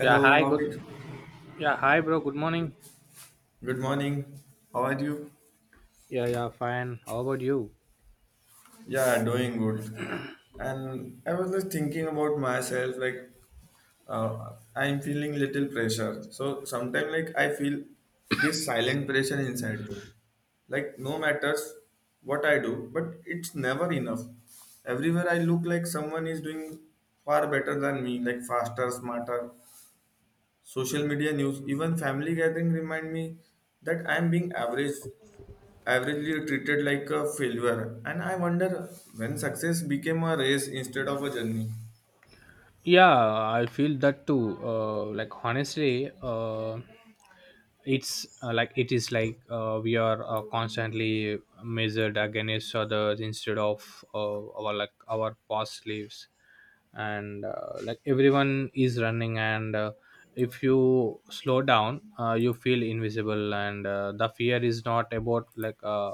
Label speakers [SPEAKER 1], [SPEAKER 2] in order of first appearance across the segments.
[SPEAKER 1] Yeah, hi,
[SPEAKER 2] how are
[SPEAKER 1] good.
[SPEAKER 2] you?
[SPEAKER 1] Yeah, hi, bro. Good morning.
[SPEAKER 2] Good morning. How are you?
[SPEAKER 1] Yeah, yeah, fine. How about you?
[SPEAKER 2] Yeah, doing good. And I was just thinking about myself, like I'm feeling little pressure. So sometimes, like I feel this silent pressure inside me. Like no matters what I do, but it's never enough. Everywhere I look, like someone is doing far better than me, like faster, smarter. Social media news, even family gathering remind me that I'm being averagely treated like a failure. And I wonder when success became a race instead of a journey.
[SPEAKER 1] Yeah, I feel that too. Like honestly, it's like it is like we are constantly measured against others instead of our past lives and like everyone is running and if you slow down you feel invisible, and the fear is not about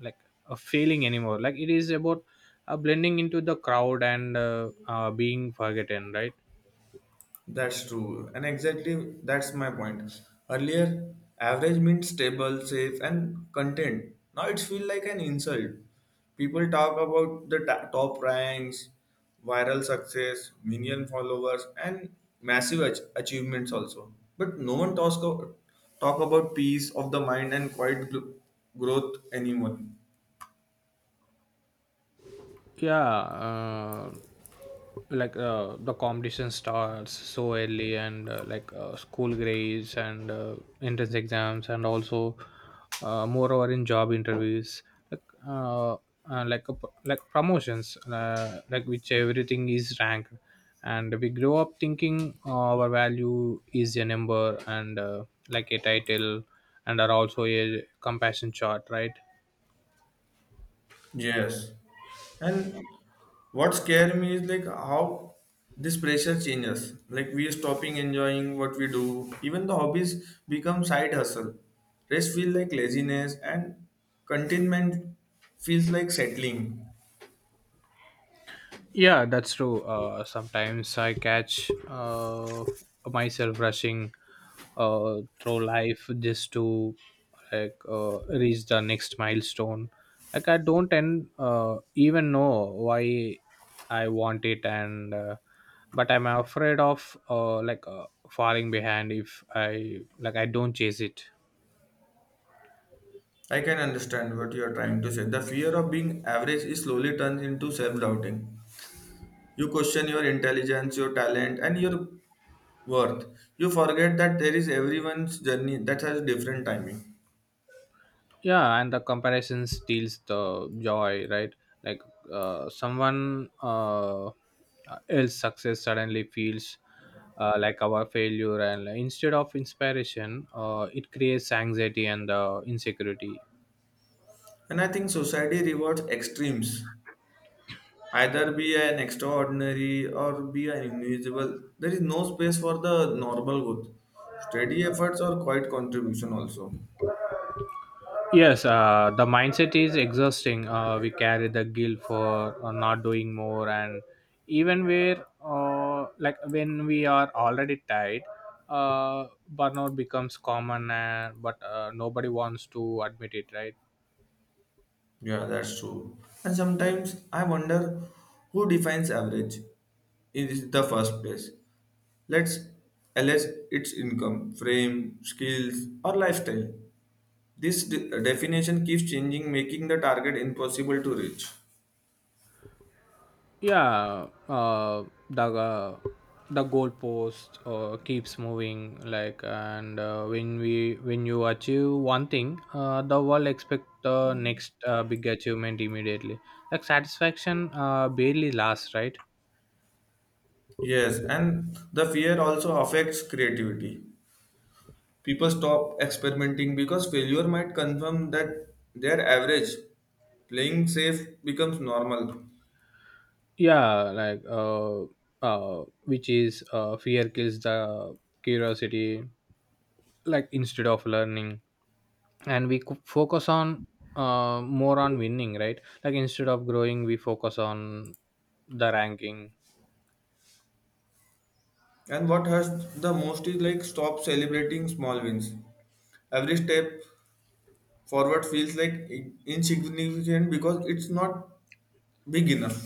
[SPEAKER 1] like a failing anymore. Like it is about blending into the crowd and being forgotten, right?
[SPEAKER 2] That's true. And exactly that's my point. Earlier, average means stable, safe, and content. Now it feels like an insult. People talk about the top ranks, viral success, million followers, and massive achievements also. But no one talks about peace of the mind and quiet growth anymore.
[SPEAKER 1] Yeah, the competition starts so early and school grades and entrance exams, and also moreover in job interviews, like like a p like promotions, like which everything is ranked, and we grow up thinking our value is a number and like a title, and are also a compassion chart, right?
[SPEAKER 2] Yes. And what scares me is like how this pressure changes. Like we are stopping enjoying what we do. Even the hobbies become side hustle. Rest feels like laziness and contentment feels like settling.
[SPEAKER 1] Yeah, that's true. Sometimes I catch myself rushing through life just to reach the next milestone. Like I don't and even know why I want it, and but I'm afraid of falling behind if I don't chase it.
[SPEAKER 2] I can understand what you are trying to say. The fear of being average is slowly turns into self-doubting. You question your intelligence, your talent, and your worth. You forget that there is everyone's journey that has different timing.
[SPEAKER 1] Yeah, and the comparison steals the joy, right? Like someone else success suddenly feels like our failure, and instead of inspiration it creates anxiety and insecurity.
[SPEAKER 2] And I think society rewards extremes. Either be an extraordinary or be an invisible. There is no space for the normal good. Steady efforts or quiet contribution also.
[SPEAKER 1] Yes, the mindset is exhausting. We carry the guilt for not doing more, and even where, like when we are already tired, uh, burnout becomes common, but nobody wants to admit it, right?
[SPEAKER 2] Yeah, that's true. And sometimes I wonder who defines average in the first place. Let's LS its income, frame, skills, or lifestyle. This definition keeps changing, making the target impossible to reach.
[SPEAKER 1] Yeah, the uh, the goalpost keeps moving, like and when you achieve one thing the world expect the next big achievement immediately. Like satisfaction barely lasts, right?
[SPEAKER 2] Yes, and the fear also affects creativity. People stop experimenting because failure might confirm that their average. Playing safe becomes normal.
[SPEAKER 1] Yeah, which is fear kills the curiosity. Like instead of learning and we focus on more on winning, right? Like instead of growing we focus on the ranking.
[SPEAKER 2] And what hurts the most is like stop celebrating small wins. Every step forward feels like insignificant because it's not big enough.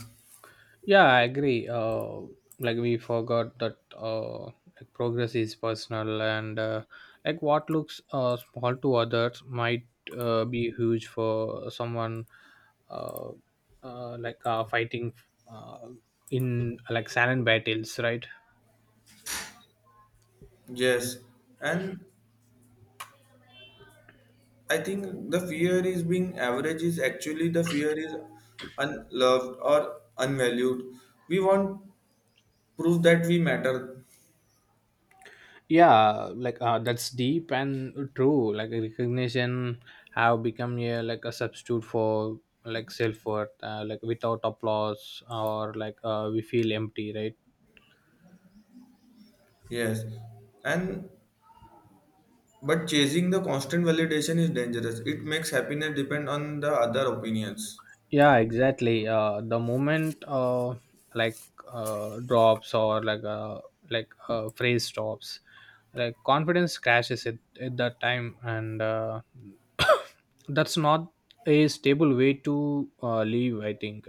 [SPEAKER 1] Yeah, I agree. Like we forgot that like progress is personal and like what looks small to others might be huge for someone, uh, fighting uh, in like silent battles, right?
[SPEAKER 2] Yes, and I think the fear is being average is actually the fear is unloved or unvalued. We want proof that we matter.
[SPEAKER 1] Yeah, that's deep and true. Like recognition have become a like a substitute for like self-worth. Like without applause or we feel empty, right?
[SPEAKER 2] Yes. And but chasing the constant validation is dangerous. It makes happiness depend on the other opinions.
[SPEAKER 1] Yeah, exactly. The moment like drops or phrase stops, like confidence crashes at that time and that's not a stable way to live, I think.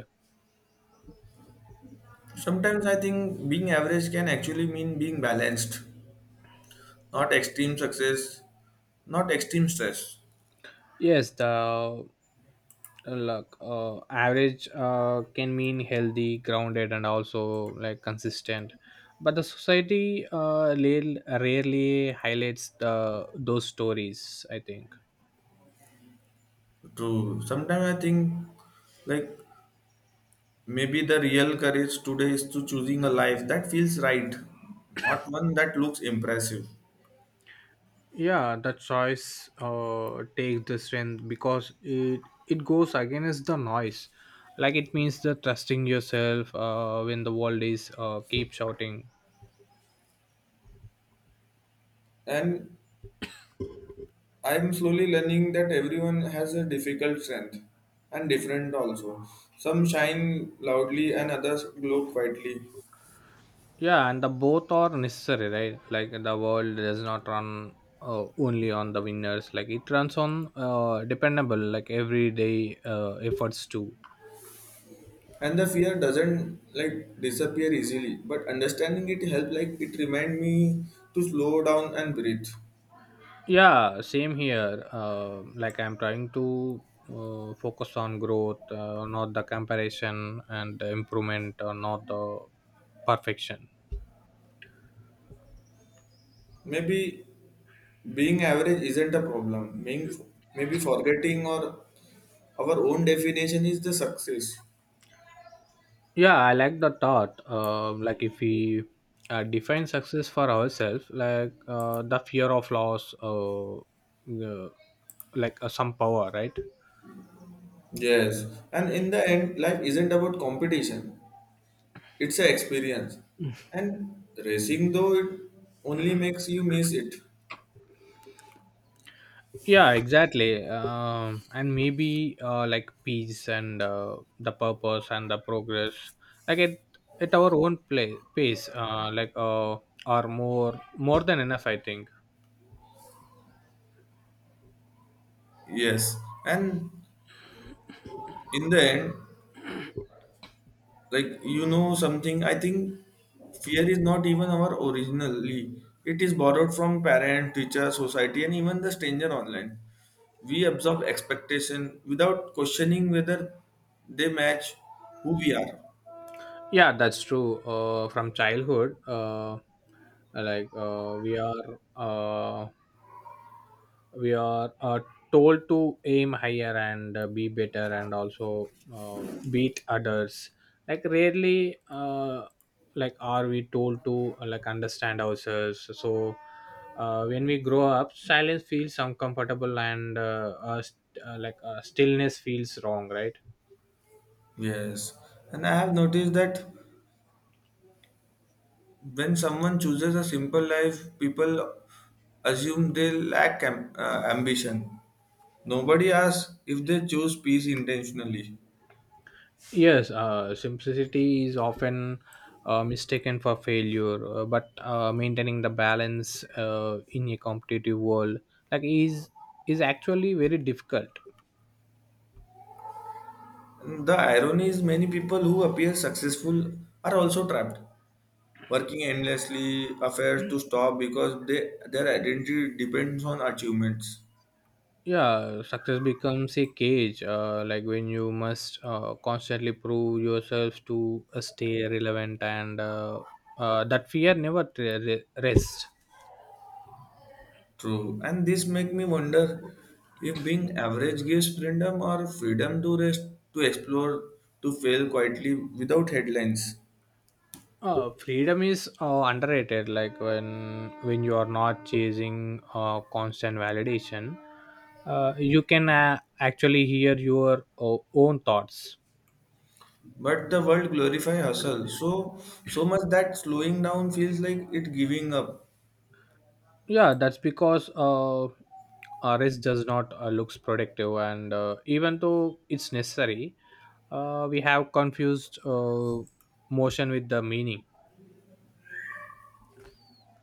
[SPEAKER 2] Sometimes I think being average can actually mean being balanced, not extreme success, not extreme stress.
[SPEAKER 1] Yes, the average can mean healthy, grounded, and also like consistent. But the society uh, rarely highlights the those stories, I think.
[SPEAKER 2] True. Sometimes I think like maybe the real courage today is to choosing a life that feels right, not one that looks impressive.
[SPEAKER 1] Yeah, the choice takes the strength because it goes against the noise. Like it means the trusting yourself when the world is keep shouting.
[SPEAKER 2] And I'm slowly learning that everyone has a difficult strength and different also. Some shine loudly and others glow quietly.
[SPEAKER 1] Yeah, and the both are necessary, right? Like the world does not run only on the winners. Like it runs on dependable, like everyday efforts too.
[SPEAKER 2] And the fear doesn't like disappear easily, but understanding it helped like it remind me to slow down and breathe.
[SPEAKER 1] Yeah, same here. Like I'm trying to focus on growth, not the comparison, and the improvement, or not the perfection.
[SPEAKER 2] Maybe being average isn't a problem. Being maybe forgetting or our own definition is the success.
[SPEAKER 1] Yeah, I like the thought. Like if we define success for ourselves, like the fear of loss some power, right?
[SPEAKER 2] Yes, and in the end, life isn't about competition. It's an experience, and racing though it only makes you miss it.
[SPEAKER 1] Yeah, exactly. And maybe like peace and the purpose and the progress, like it at our own pace are more than enough, I think.
[SPEAKER 2] Yes, and in the end, like you know something, I think fear is not even our originally, it is borrowed from parent, teacher, society, and even the stranger online. We absorb expectation without questioning whether they match who we are.
[SPEAKER 1] Yeah, that's true. From childhood, like we are told to aim higher and be better, and also beat others. Like rarely, are we told to understand ourselves. So when we grow up, silence feels uncomfortable, and stillness feels wrong, right?
[SPEAKER 2] Yes, and I have noticed that when someone chooses a simple life, people assume they lack ambition. Nobody asks if they choose peace intentionally.
[SPEAKER 1] Yes, simplicity is often mistaken for failure, but maintaining the balance in a competitive world, like is actually very difficult.
[SPEAKER 2] The irony is, many people who appear successful are also trapped, working endlessly, affairs to stop because their identity depends on achievements.
[SPEAKER 1] Yeah, success becomes a cage, like when you must constantly prove yourself to stay relevant, and that fear never rests.
[SPEAKER 2] True. And this make me wonder if being average gives freedom or freedom to rest, to explore, to fail quietly without headlines.
[SPEAKER 1] Freedom is underrated. Like when you are not chasing constant validation, you can actually hear your own thoughts.
[SPEAKER 2] But the world glorify hustle so much that slowing down feels like it giving up.
[SPEAKER 1] Yeah, that's because rest does not looks productive, and even though it's necessary, we have confused motion with the meaning.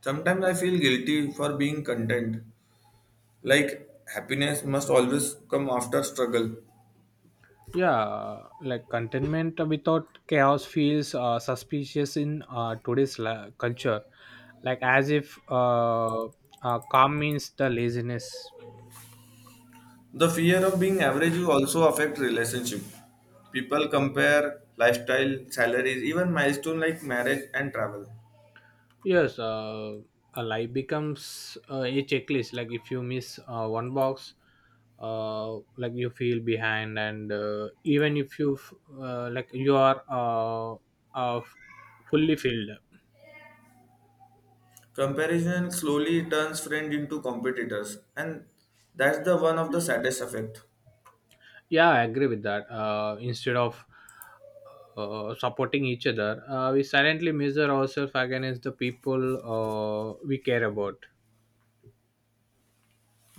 [SPEAKER 2] Sometimes I feel guilty for being content. Like happiness must always come after struggle.
[SPEAKER 1] Yeah, like contentment without chaos feels suspicious in uh, today's culture, like as if calm means the laziness.
[SPEAKER 2] The fear of being average will also affect relationship. People compare lifestyle, salaries, even milestone like marriage and travel.
[SPEAKER 1] Yes, a life becomes a checklist. Like if you miss one box, like you feel behind, and even if you f- like you are uh, fully filled.
[SPEAKER 2] Comparison slowly turns friend into competitors, and that's the one of the saddest effect.
[SPEAKER 1] Yeah, I agree with that. Instead of supporting each other, we silently measure ourselves against the people we care about.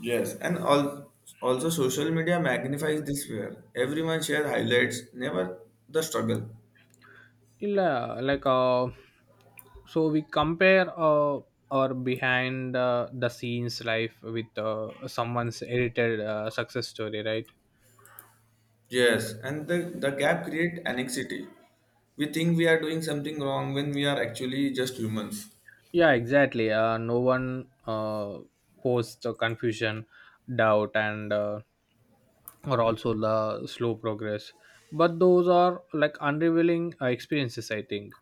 [SPEAKER 2] Yes, and also social media magnifies this fear. Everyone share highlights, never the struggle.
[SPEAKER 1] Yeah, so we compare our behind the scenes life with someone's edited success story, right?
[SPEAKER 2] Yes, and the gap create anxiety. We think we are doing something wrong when we are actually just humans.
[SPEAKER 1] Yeah, exactly. No one posts confusion, doubt, and or also the slow progress. But those are like unrevealing experiences, I think.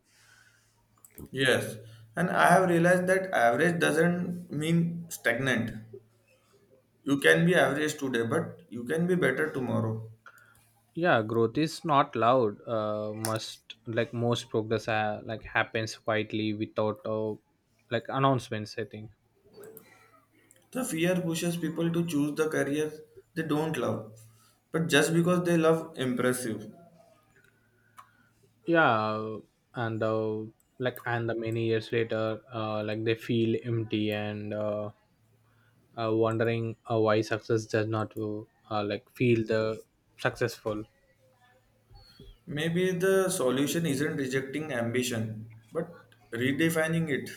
[SPEAKER 2] Yes, and I have realized that average doesn't mean stagnant. You can be average today, but you can be better tomorrow.
[SPEAKER 1] Yeah, growth is not loud. Must like Most progress like happens quietly without like announcements, I think.
[SPEAKER 2] The fear pushes people to choose the career they don't love, but just because they love impressive.
[SPEAKER 1] Yeah, and the many years later like they feel empty and wondering why success does not like feel the successful.
[SPEAKER 2] Maybe the solution isn't rejecting ambition, but redefining it.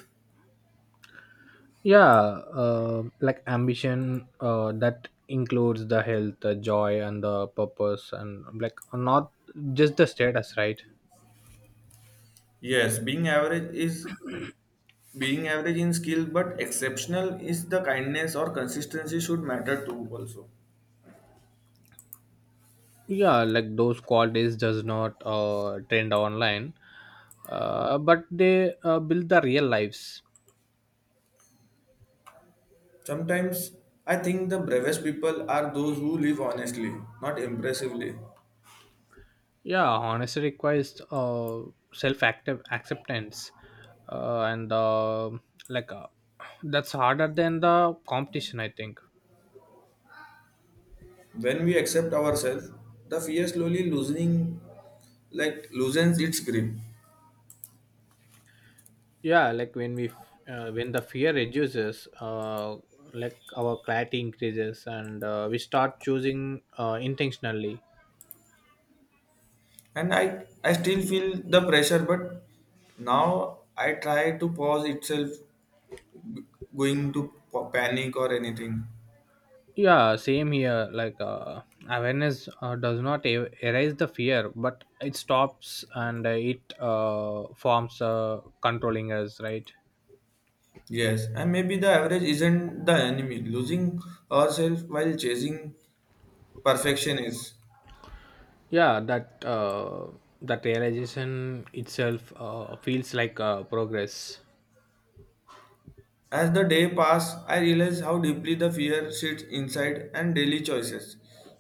[SPEAKER 1] Yeah, like ambition that includes the health, the joy, and the purpose, and like not just the status, right?
[SPEAKER 2] Yes, being average is being average in skill, but exceptional is the kindness or consistency should matter too also.
[SPEAKER 1] Yeah, like those qualities does not trend online, but they build the real lives.
[SPEAKER 2] Sometimes I think the bravest people are those who live honestly, not impressively.
[SPEAKER 1] Yeah, honesty requires self active acceptance, uh, and like uh, that's harder than the competition, I think.
[SPEAKER 2] When we accept ourselves, the fear slowly loosening, like loosens its grip.
[SPEAKER 1] Yeah, like when the fear reduces uh, like our clarity increases, and we start choosing intentionally.
[SPEAKER 2] And I still feel the pressure, but now I try to pause itself going to panic or anything.
[SPEAKER 1] Yeah, same here. Awareness does not erase the fear, but it stops, and it forms controlling us, right?
[SPEAKER 2] Yes, and maybe the average isn't the enemy. Losing ourselves while chasing perfection is.
[SPEAKER 1] Yeah, that realization itself feels like progress.
[SPEAKER 2] As the day pass, I realize how deeply the fear sits inside and daily choices.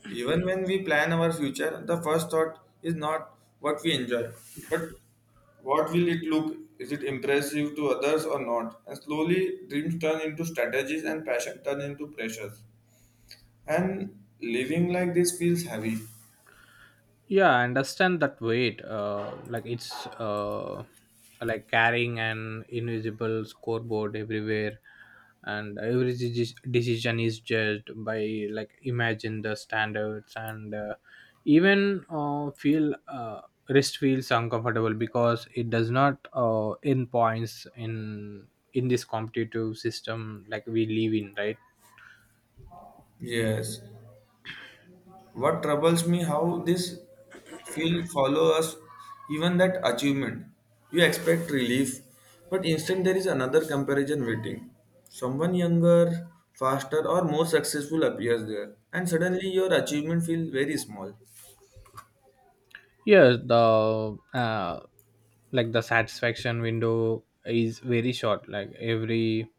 [SPEAKER 2] Even when we plan our future, the first thought is not what we enjoy, but what will it look? Is it impressive to others or not? And slowly, dreams turn into strategies and passion turn into pressures. And living like this feels heavy.
[SPEAKER 1] Yeah, I understand that weight. Like it's like carrying an invisible scoreboard everywhere, and every decision is judged by like imagine the standards, and even feel wrist feels uncomfortable because it does not earn points in this competitive system like we live in, right?
[SPEAKER 2] Yes. What troubles me how this feel follow us even that achievement. You expect relief, but instant there is another comparison waiting. Someone younger, faster or more successful appears there and suddenly your achievement feels very small.
[SPEAKER 1] Yeah, the satisfaction window is very short. Like every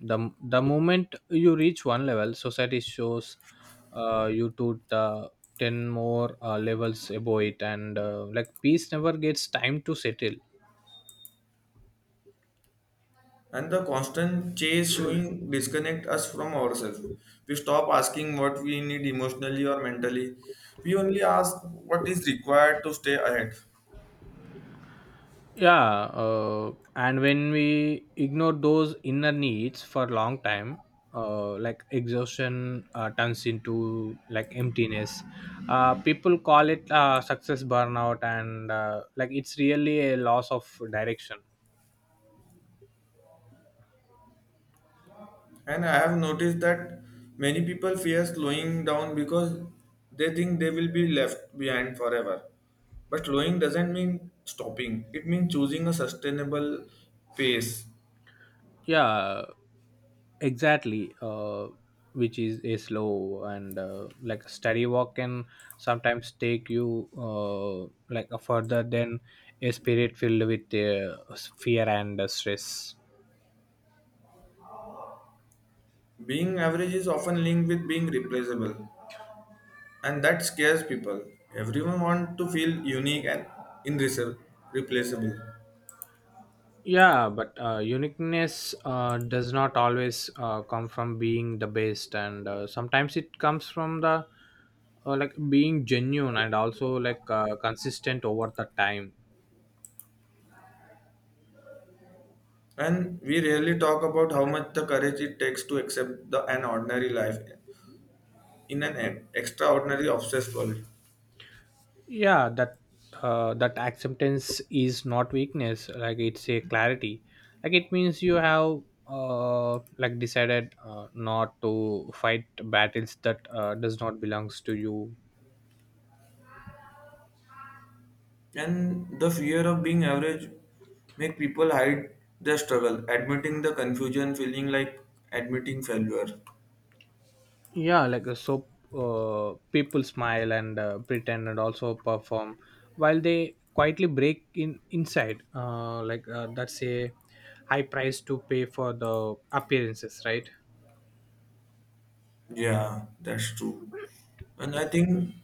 [SPEAKER 1] the moment you reach one level, society shows you to the 10 more levels above it, and like peace never gets time to settle.
[SPEAKER 2] And the constant chase showing disconnect us from ourselves. We stop asking what we need emotionally or mentally. We only ask what is required to stay ahead.
[SPEAKER 1] Yeah, and when we ignore those inner needs for a long time, like exhaustion turns into like emptiness. People call it success burnout, and like it's really a loss of direction.
[SPEAKER 2] And I have noticed that many people fear slowing down because they think they will be left behind forever. But slowing doesn't mean stopping, it means choosing a sustainable pace.
[SPEAKER 1] Yeah, exactly. Which is a slow and like a study walk can sometimes take you like a further than a spirit filled with fear and stress.
[SPEAKER 2] Being average is often linked with being replaceable, and that scares people. Everyone wants to feel unique and irreplaceable.
[SPEAKER 1] Yeah, but uniqueness does not always come from being the best, and sometimes it comes from the like being genuine, and also like consistent over the time.
[SPEAKER 2] And we rarely talk about how much the courage it takes to accept an ordinary life in an extraordinary obsessed world.
[SPEAKER 1] Yeah, that acceptance is not weakness. Like it's a clarity. Like it means you have decided not to fight battles that does not belongs to you.
[SPEAKER 2] And the fear of being average make people hide their struggle, admitting the confusion feeling like admitting failure.
[SPEAKER 1] Yeah, so people smile and pretend, and also perform while they quietly break in inside. That's a high price to pay for the appearances, right?
[SPEAKER 2] Yeah, that's true. And I think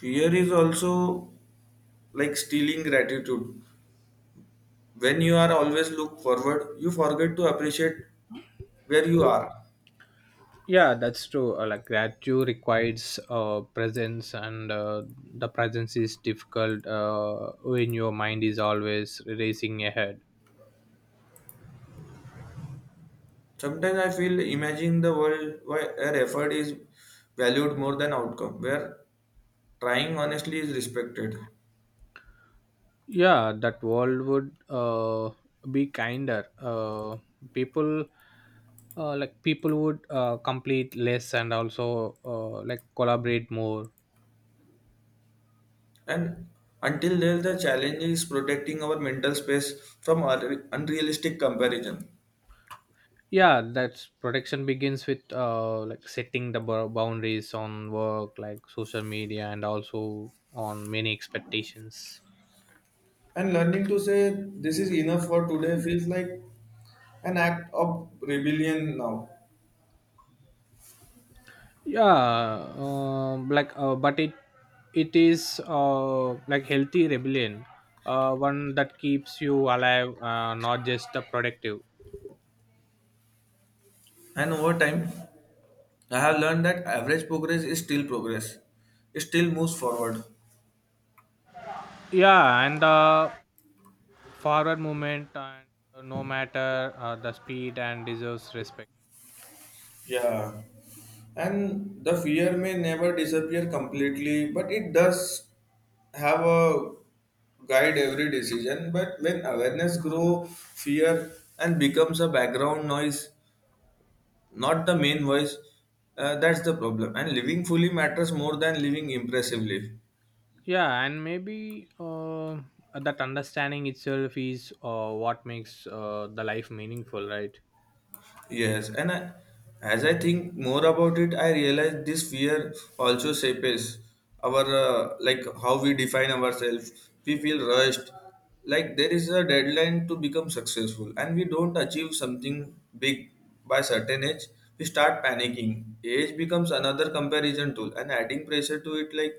[SPEAKER 2] fear is also like stealing gratitude. When you are always look forward, you forget to appreciate where you are.
[SPEAKER 1] Yeah, that's true. Like gratitude requires presence, and the presence is difficult when your mind is always racing ahead.
[SPEAKER 2] Sometimes I feel imagining the world where effort is valued more than outcome, where trying honestly is respected.
[SPEAKER 1] Yeah, that world would be kinder. People, People would complete less, and also like collaborate more.
[SPEAKER 2] And until then, the challenge is protecting our mental space from unrealistic comparison.
[SPEAKER 1] Yeah, that's protection begins with like setting the boundaries on work, like social media, and also on many expectations.
[SPEAKER 2] And learning to say this is enough for today feels like an act of rebellion now.
[SPEAKER 1] Yeah, but it is like healthy rebellion, one that keeps you alive, not just the productive.
[SPEAKER 2] And over time, I have learned that average progress is still progress. It still moves forward.
[SPEAKER 1] Yeah, and forward movement, and no matter the speed, and deserves respect.
[SPEAKER 2] Yeah, and the fear may never disappear completely, but it does have a guide every decision. But when awareness grow, fear and becomes a background noise, not the main voice. That's the problem. And living fully matters more than living impressively.
[SPEAKER 1] Yeah, and maybe that understanding itself is what makes the life meaningful, right?
[SPEAKER 2] Yes, and I, as I think more about it, I realize this fear also shapes our like how we define ourselves. We feel rushed, like there is a deadline to become successful, and we don't achieve something big by certain age. We start panicking. Age becomes another comparison tool, and adding pressure to it, like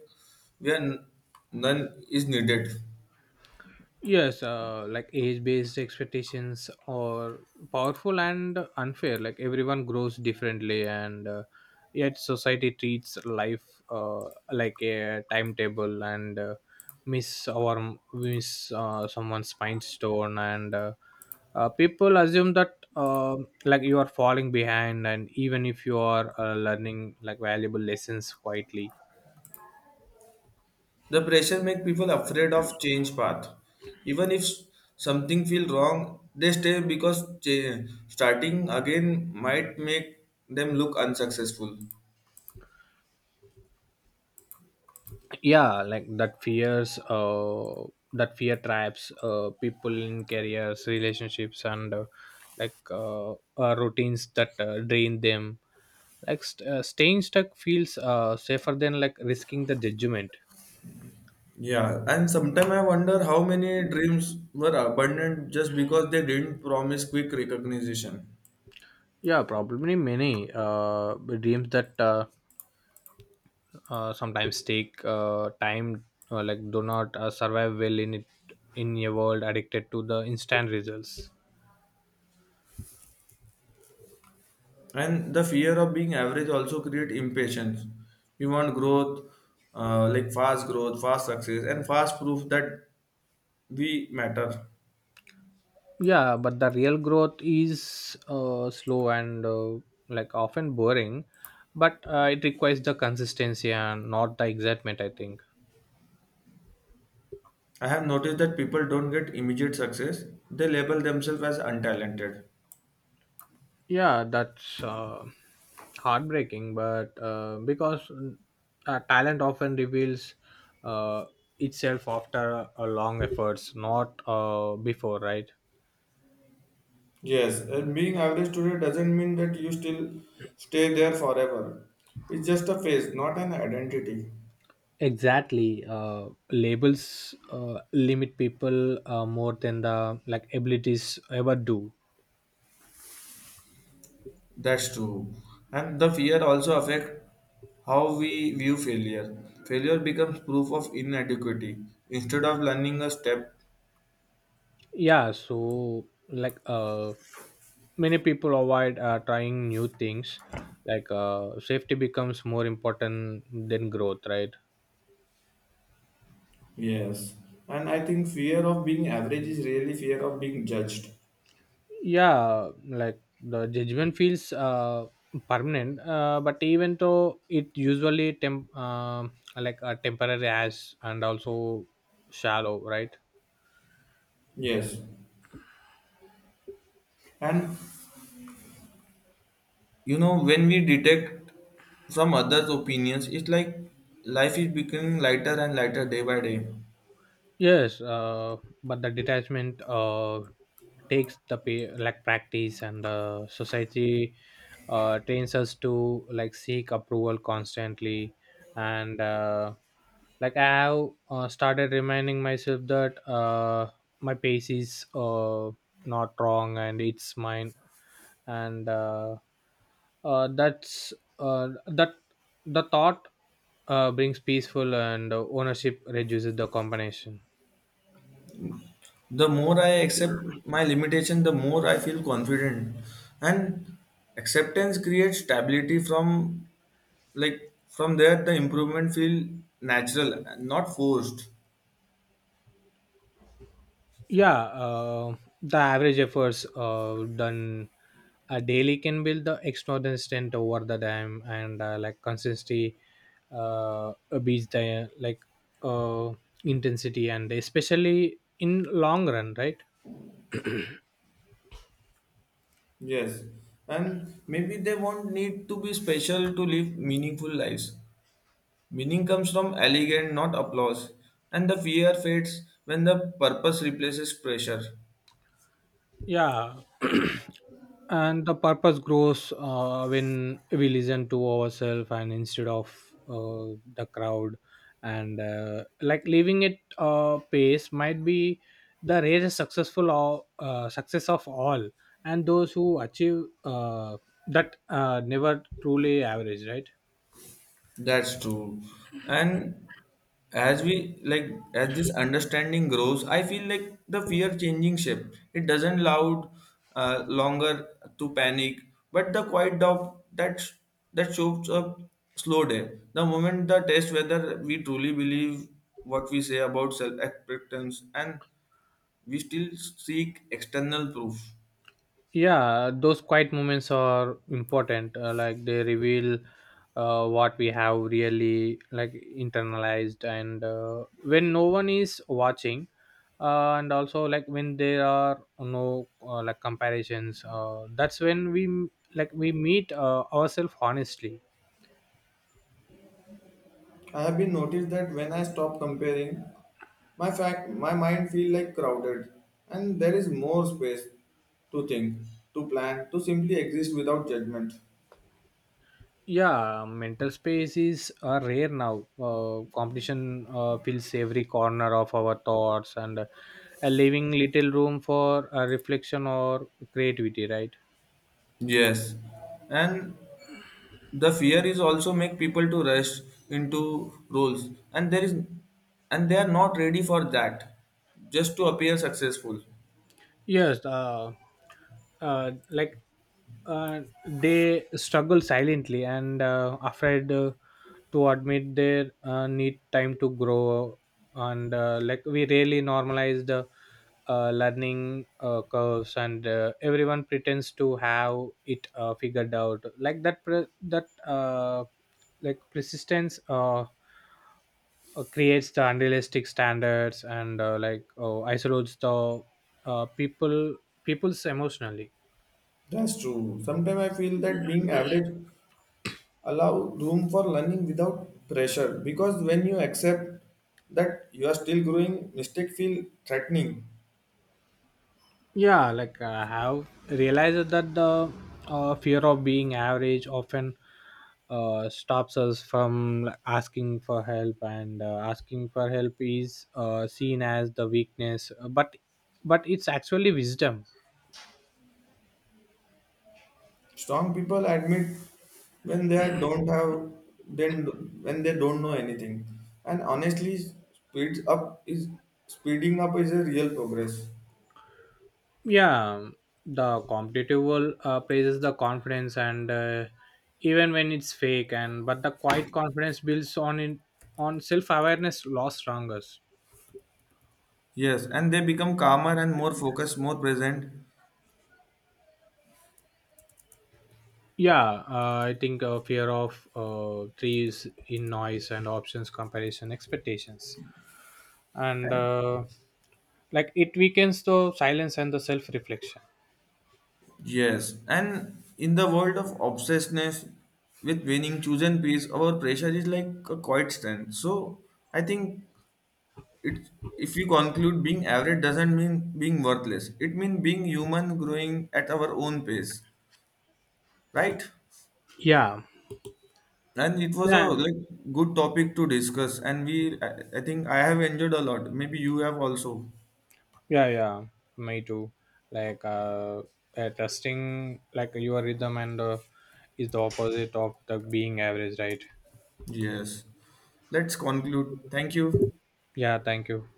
[SPEAKER 2] we are none is needed.
[SPEAKER 1] Yes, like age based expectations are powerful and unfair. Like everyone grows differently, and yet society treats life like a timetable and miss or miss someone's milestone, and people assume that like you are falling behind, and even if you are learning like valuable lessons quietly.
[SPEAKER 2] The pressure make people afraid of change path. Even if something feel wrong, they stay because starting again might make them look unsuccessful.
[SPEAKER 1] Yeah, like that fear traps people in careers, relationships, and like routines that drain them. Like staying stuck feels safer than like risking the judgment.
[SPEAKER 2] Yeah, and sometimes I wonder how many dreams were abandoned just because they didn't promise quick recognition.
[SPEAKER 1] Yeah, probably many dreams that sometimes take time like do not survive well in it, in a world addicted to the instant results.
[SPEAKER 2] And the fear of being average also create impatience. We want growth, like fast growth, fast success, and fast proof that we matter.
[SPEAKER 1] Yeah, but the real growth is slow and like often boring, but it requires the consistency and not the excitement, I think.
[SPEAKER 2] I have noticed that people don't get immediate success. They label themselves as untalented.
[SPEAKER 1] Yeah, that's heartbreaking, but because talent often reveals uh, itself after a long efforts, not before, right?
[SPEAKER 2] Yes, and being average today doesn't mean that you still stay there forever. It's just a phase, not an identity.
[SPEAKER 1] Exactly, labels limit people more than the like abilities ever do.
[SPEAKER 2] That's true. And the fear also affects how we view failure. Failure becomes proof of inadequity instead of learning a step.
[SPEAKER 1] Yeah, so like many people avoid trying new things. Like safety becomes more important than growth, right?
[SPEAKER 2] Yes, and I think fear of being average is really fear of being judged.
[SPEAKER 1] Yeah, like the judgment feels permanent, but even though it usually temp like a temporary as, and also shallow, right?
[SPEAKER 2] Yes, and you know when we detect from others opinions, it's like life is becoming lighter and lighter day by day.
[SPEAKER 1] Yes, but the detachment takes the pay, like practice, and the society trains us to like seek approval constantly. And like I have started reminding myself that my pace is not wrong and it's mine, and that the thought brings peaceful, and ownership reduces the combination.
[SPEAKER 2] The more I accept my limitation, the more I feel confident. And acceptance creates stability, from like from there the improvement feel natural, not forced.
[SPEAKER 1] Yeah, the average efforts done daily can build the extraordinary strength over the time, and like consistency uh, beats the like uh, intensity, and especially in long run, right?
[SPEAKER 2] Yes, and maybe they won't need to be special to live meaningful lives. Meaning comes from elegance, not applause, and the fear fades when the purpose replaces pressure.
[SPEAKER 1] Yeah, and the purpose grows when we listen to ourselves and instead of the crowd, and like leaving it pace might be the rarest successful or success of all, and those who achieve that, never truly average, right?
[SPEAKER 2] That's true. And as we like as this understanding grows, I feel like the fear changing shape. It doesn't loud longer to panic, but the quiet doubt that shows up slow day. The moment the test whether we truly believe what we say about self acceptance and we still seek external proof.
[SPEAKER 1] Yeah, those quiet moments are important, like they reveal what we have really like internalized, and when no one is watching, and also like when there are no like comparisons, that's when like we meet ourselves honestly.
[SPEAKER 2] I have been noticed that when I stop comparing, my mind feel like crowded and there is more space to think, to plan, to simply exist without judgment.
[SPEAKER 1] Yeah, mental space is rare now. Competition fills every corner of our thoughts, and leaving little room for reflection or creativity, right?
[SPEAKER 2] Yes, and the fear is also make people to rush into roles, and they are not ready for that, just to appear successful.
[SPEAKER 1] Yes, like uh, they struggle silently and afraid to admit they need time to grow. And like we really normalize the learning curves, and everyone pretends to have it figured out. Like that, like persistence. Creates the unrealistic standards, and like isolates the uh, people people's emotionally.
[SPEAKER 2] That's true. Sometimes I feel that being average allow room for learning without pressure, because when you accept that you are still growing, mistake feel threatening.
[SPEAKER 1] Yeah, like I have realized that the fear of being average often stops us from like asking for help, and asking for help is seen as the weakness, but it's actually wisdom.
[SPEAKER 2] Strong people admit when they don't have, then when they don't know anything, and honestly speeds up is speeding up is a real progress.
[SPEAKER 1] Yeah, the competitive world praises the confidence, and even when it's fake, and but the quiet confidence builds on self-awareness lost strongest.
[SPEAKER 2] Yes, and they become calmer and more focused, more present.
[SPEAKER 1] Yeah, I think fear of trees in noise and options, comparison, expectations, and like it weakens the silence and the self-reflection.
[SPEAKER 2] Yes, and in the world of obsessiveness with winning chosen piece, our pressure is like a quiet strength. So I think it if we conclude being average doesn't mean being worthless. It means being human growing at our own pace. Right?
[SPEAKER 1] Yeah.
[SPEAKER 2] And it was a
[SPEAKER 1] Yeah.
[SPEAKER 2] like good topic to discuss and I think I have enjoyed a lot. Maybe you have also.
[SPEAKER 1] Yeah, yeah, me too. Like, trusting like your rhythm and is the opposite of the being average, right?
[SPEAKER 2] Yes. Let's conclude. Thank you.
[SPEAKER 1] Yeah, thank you.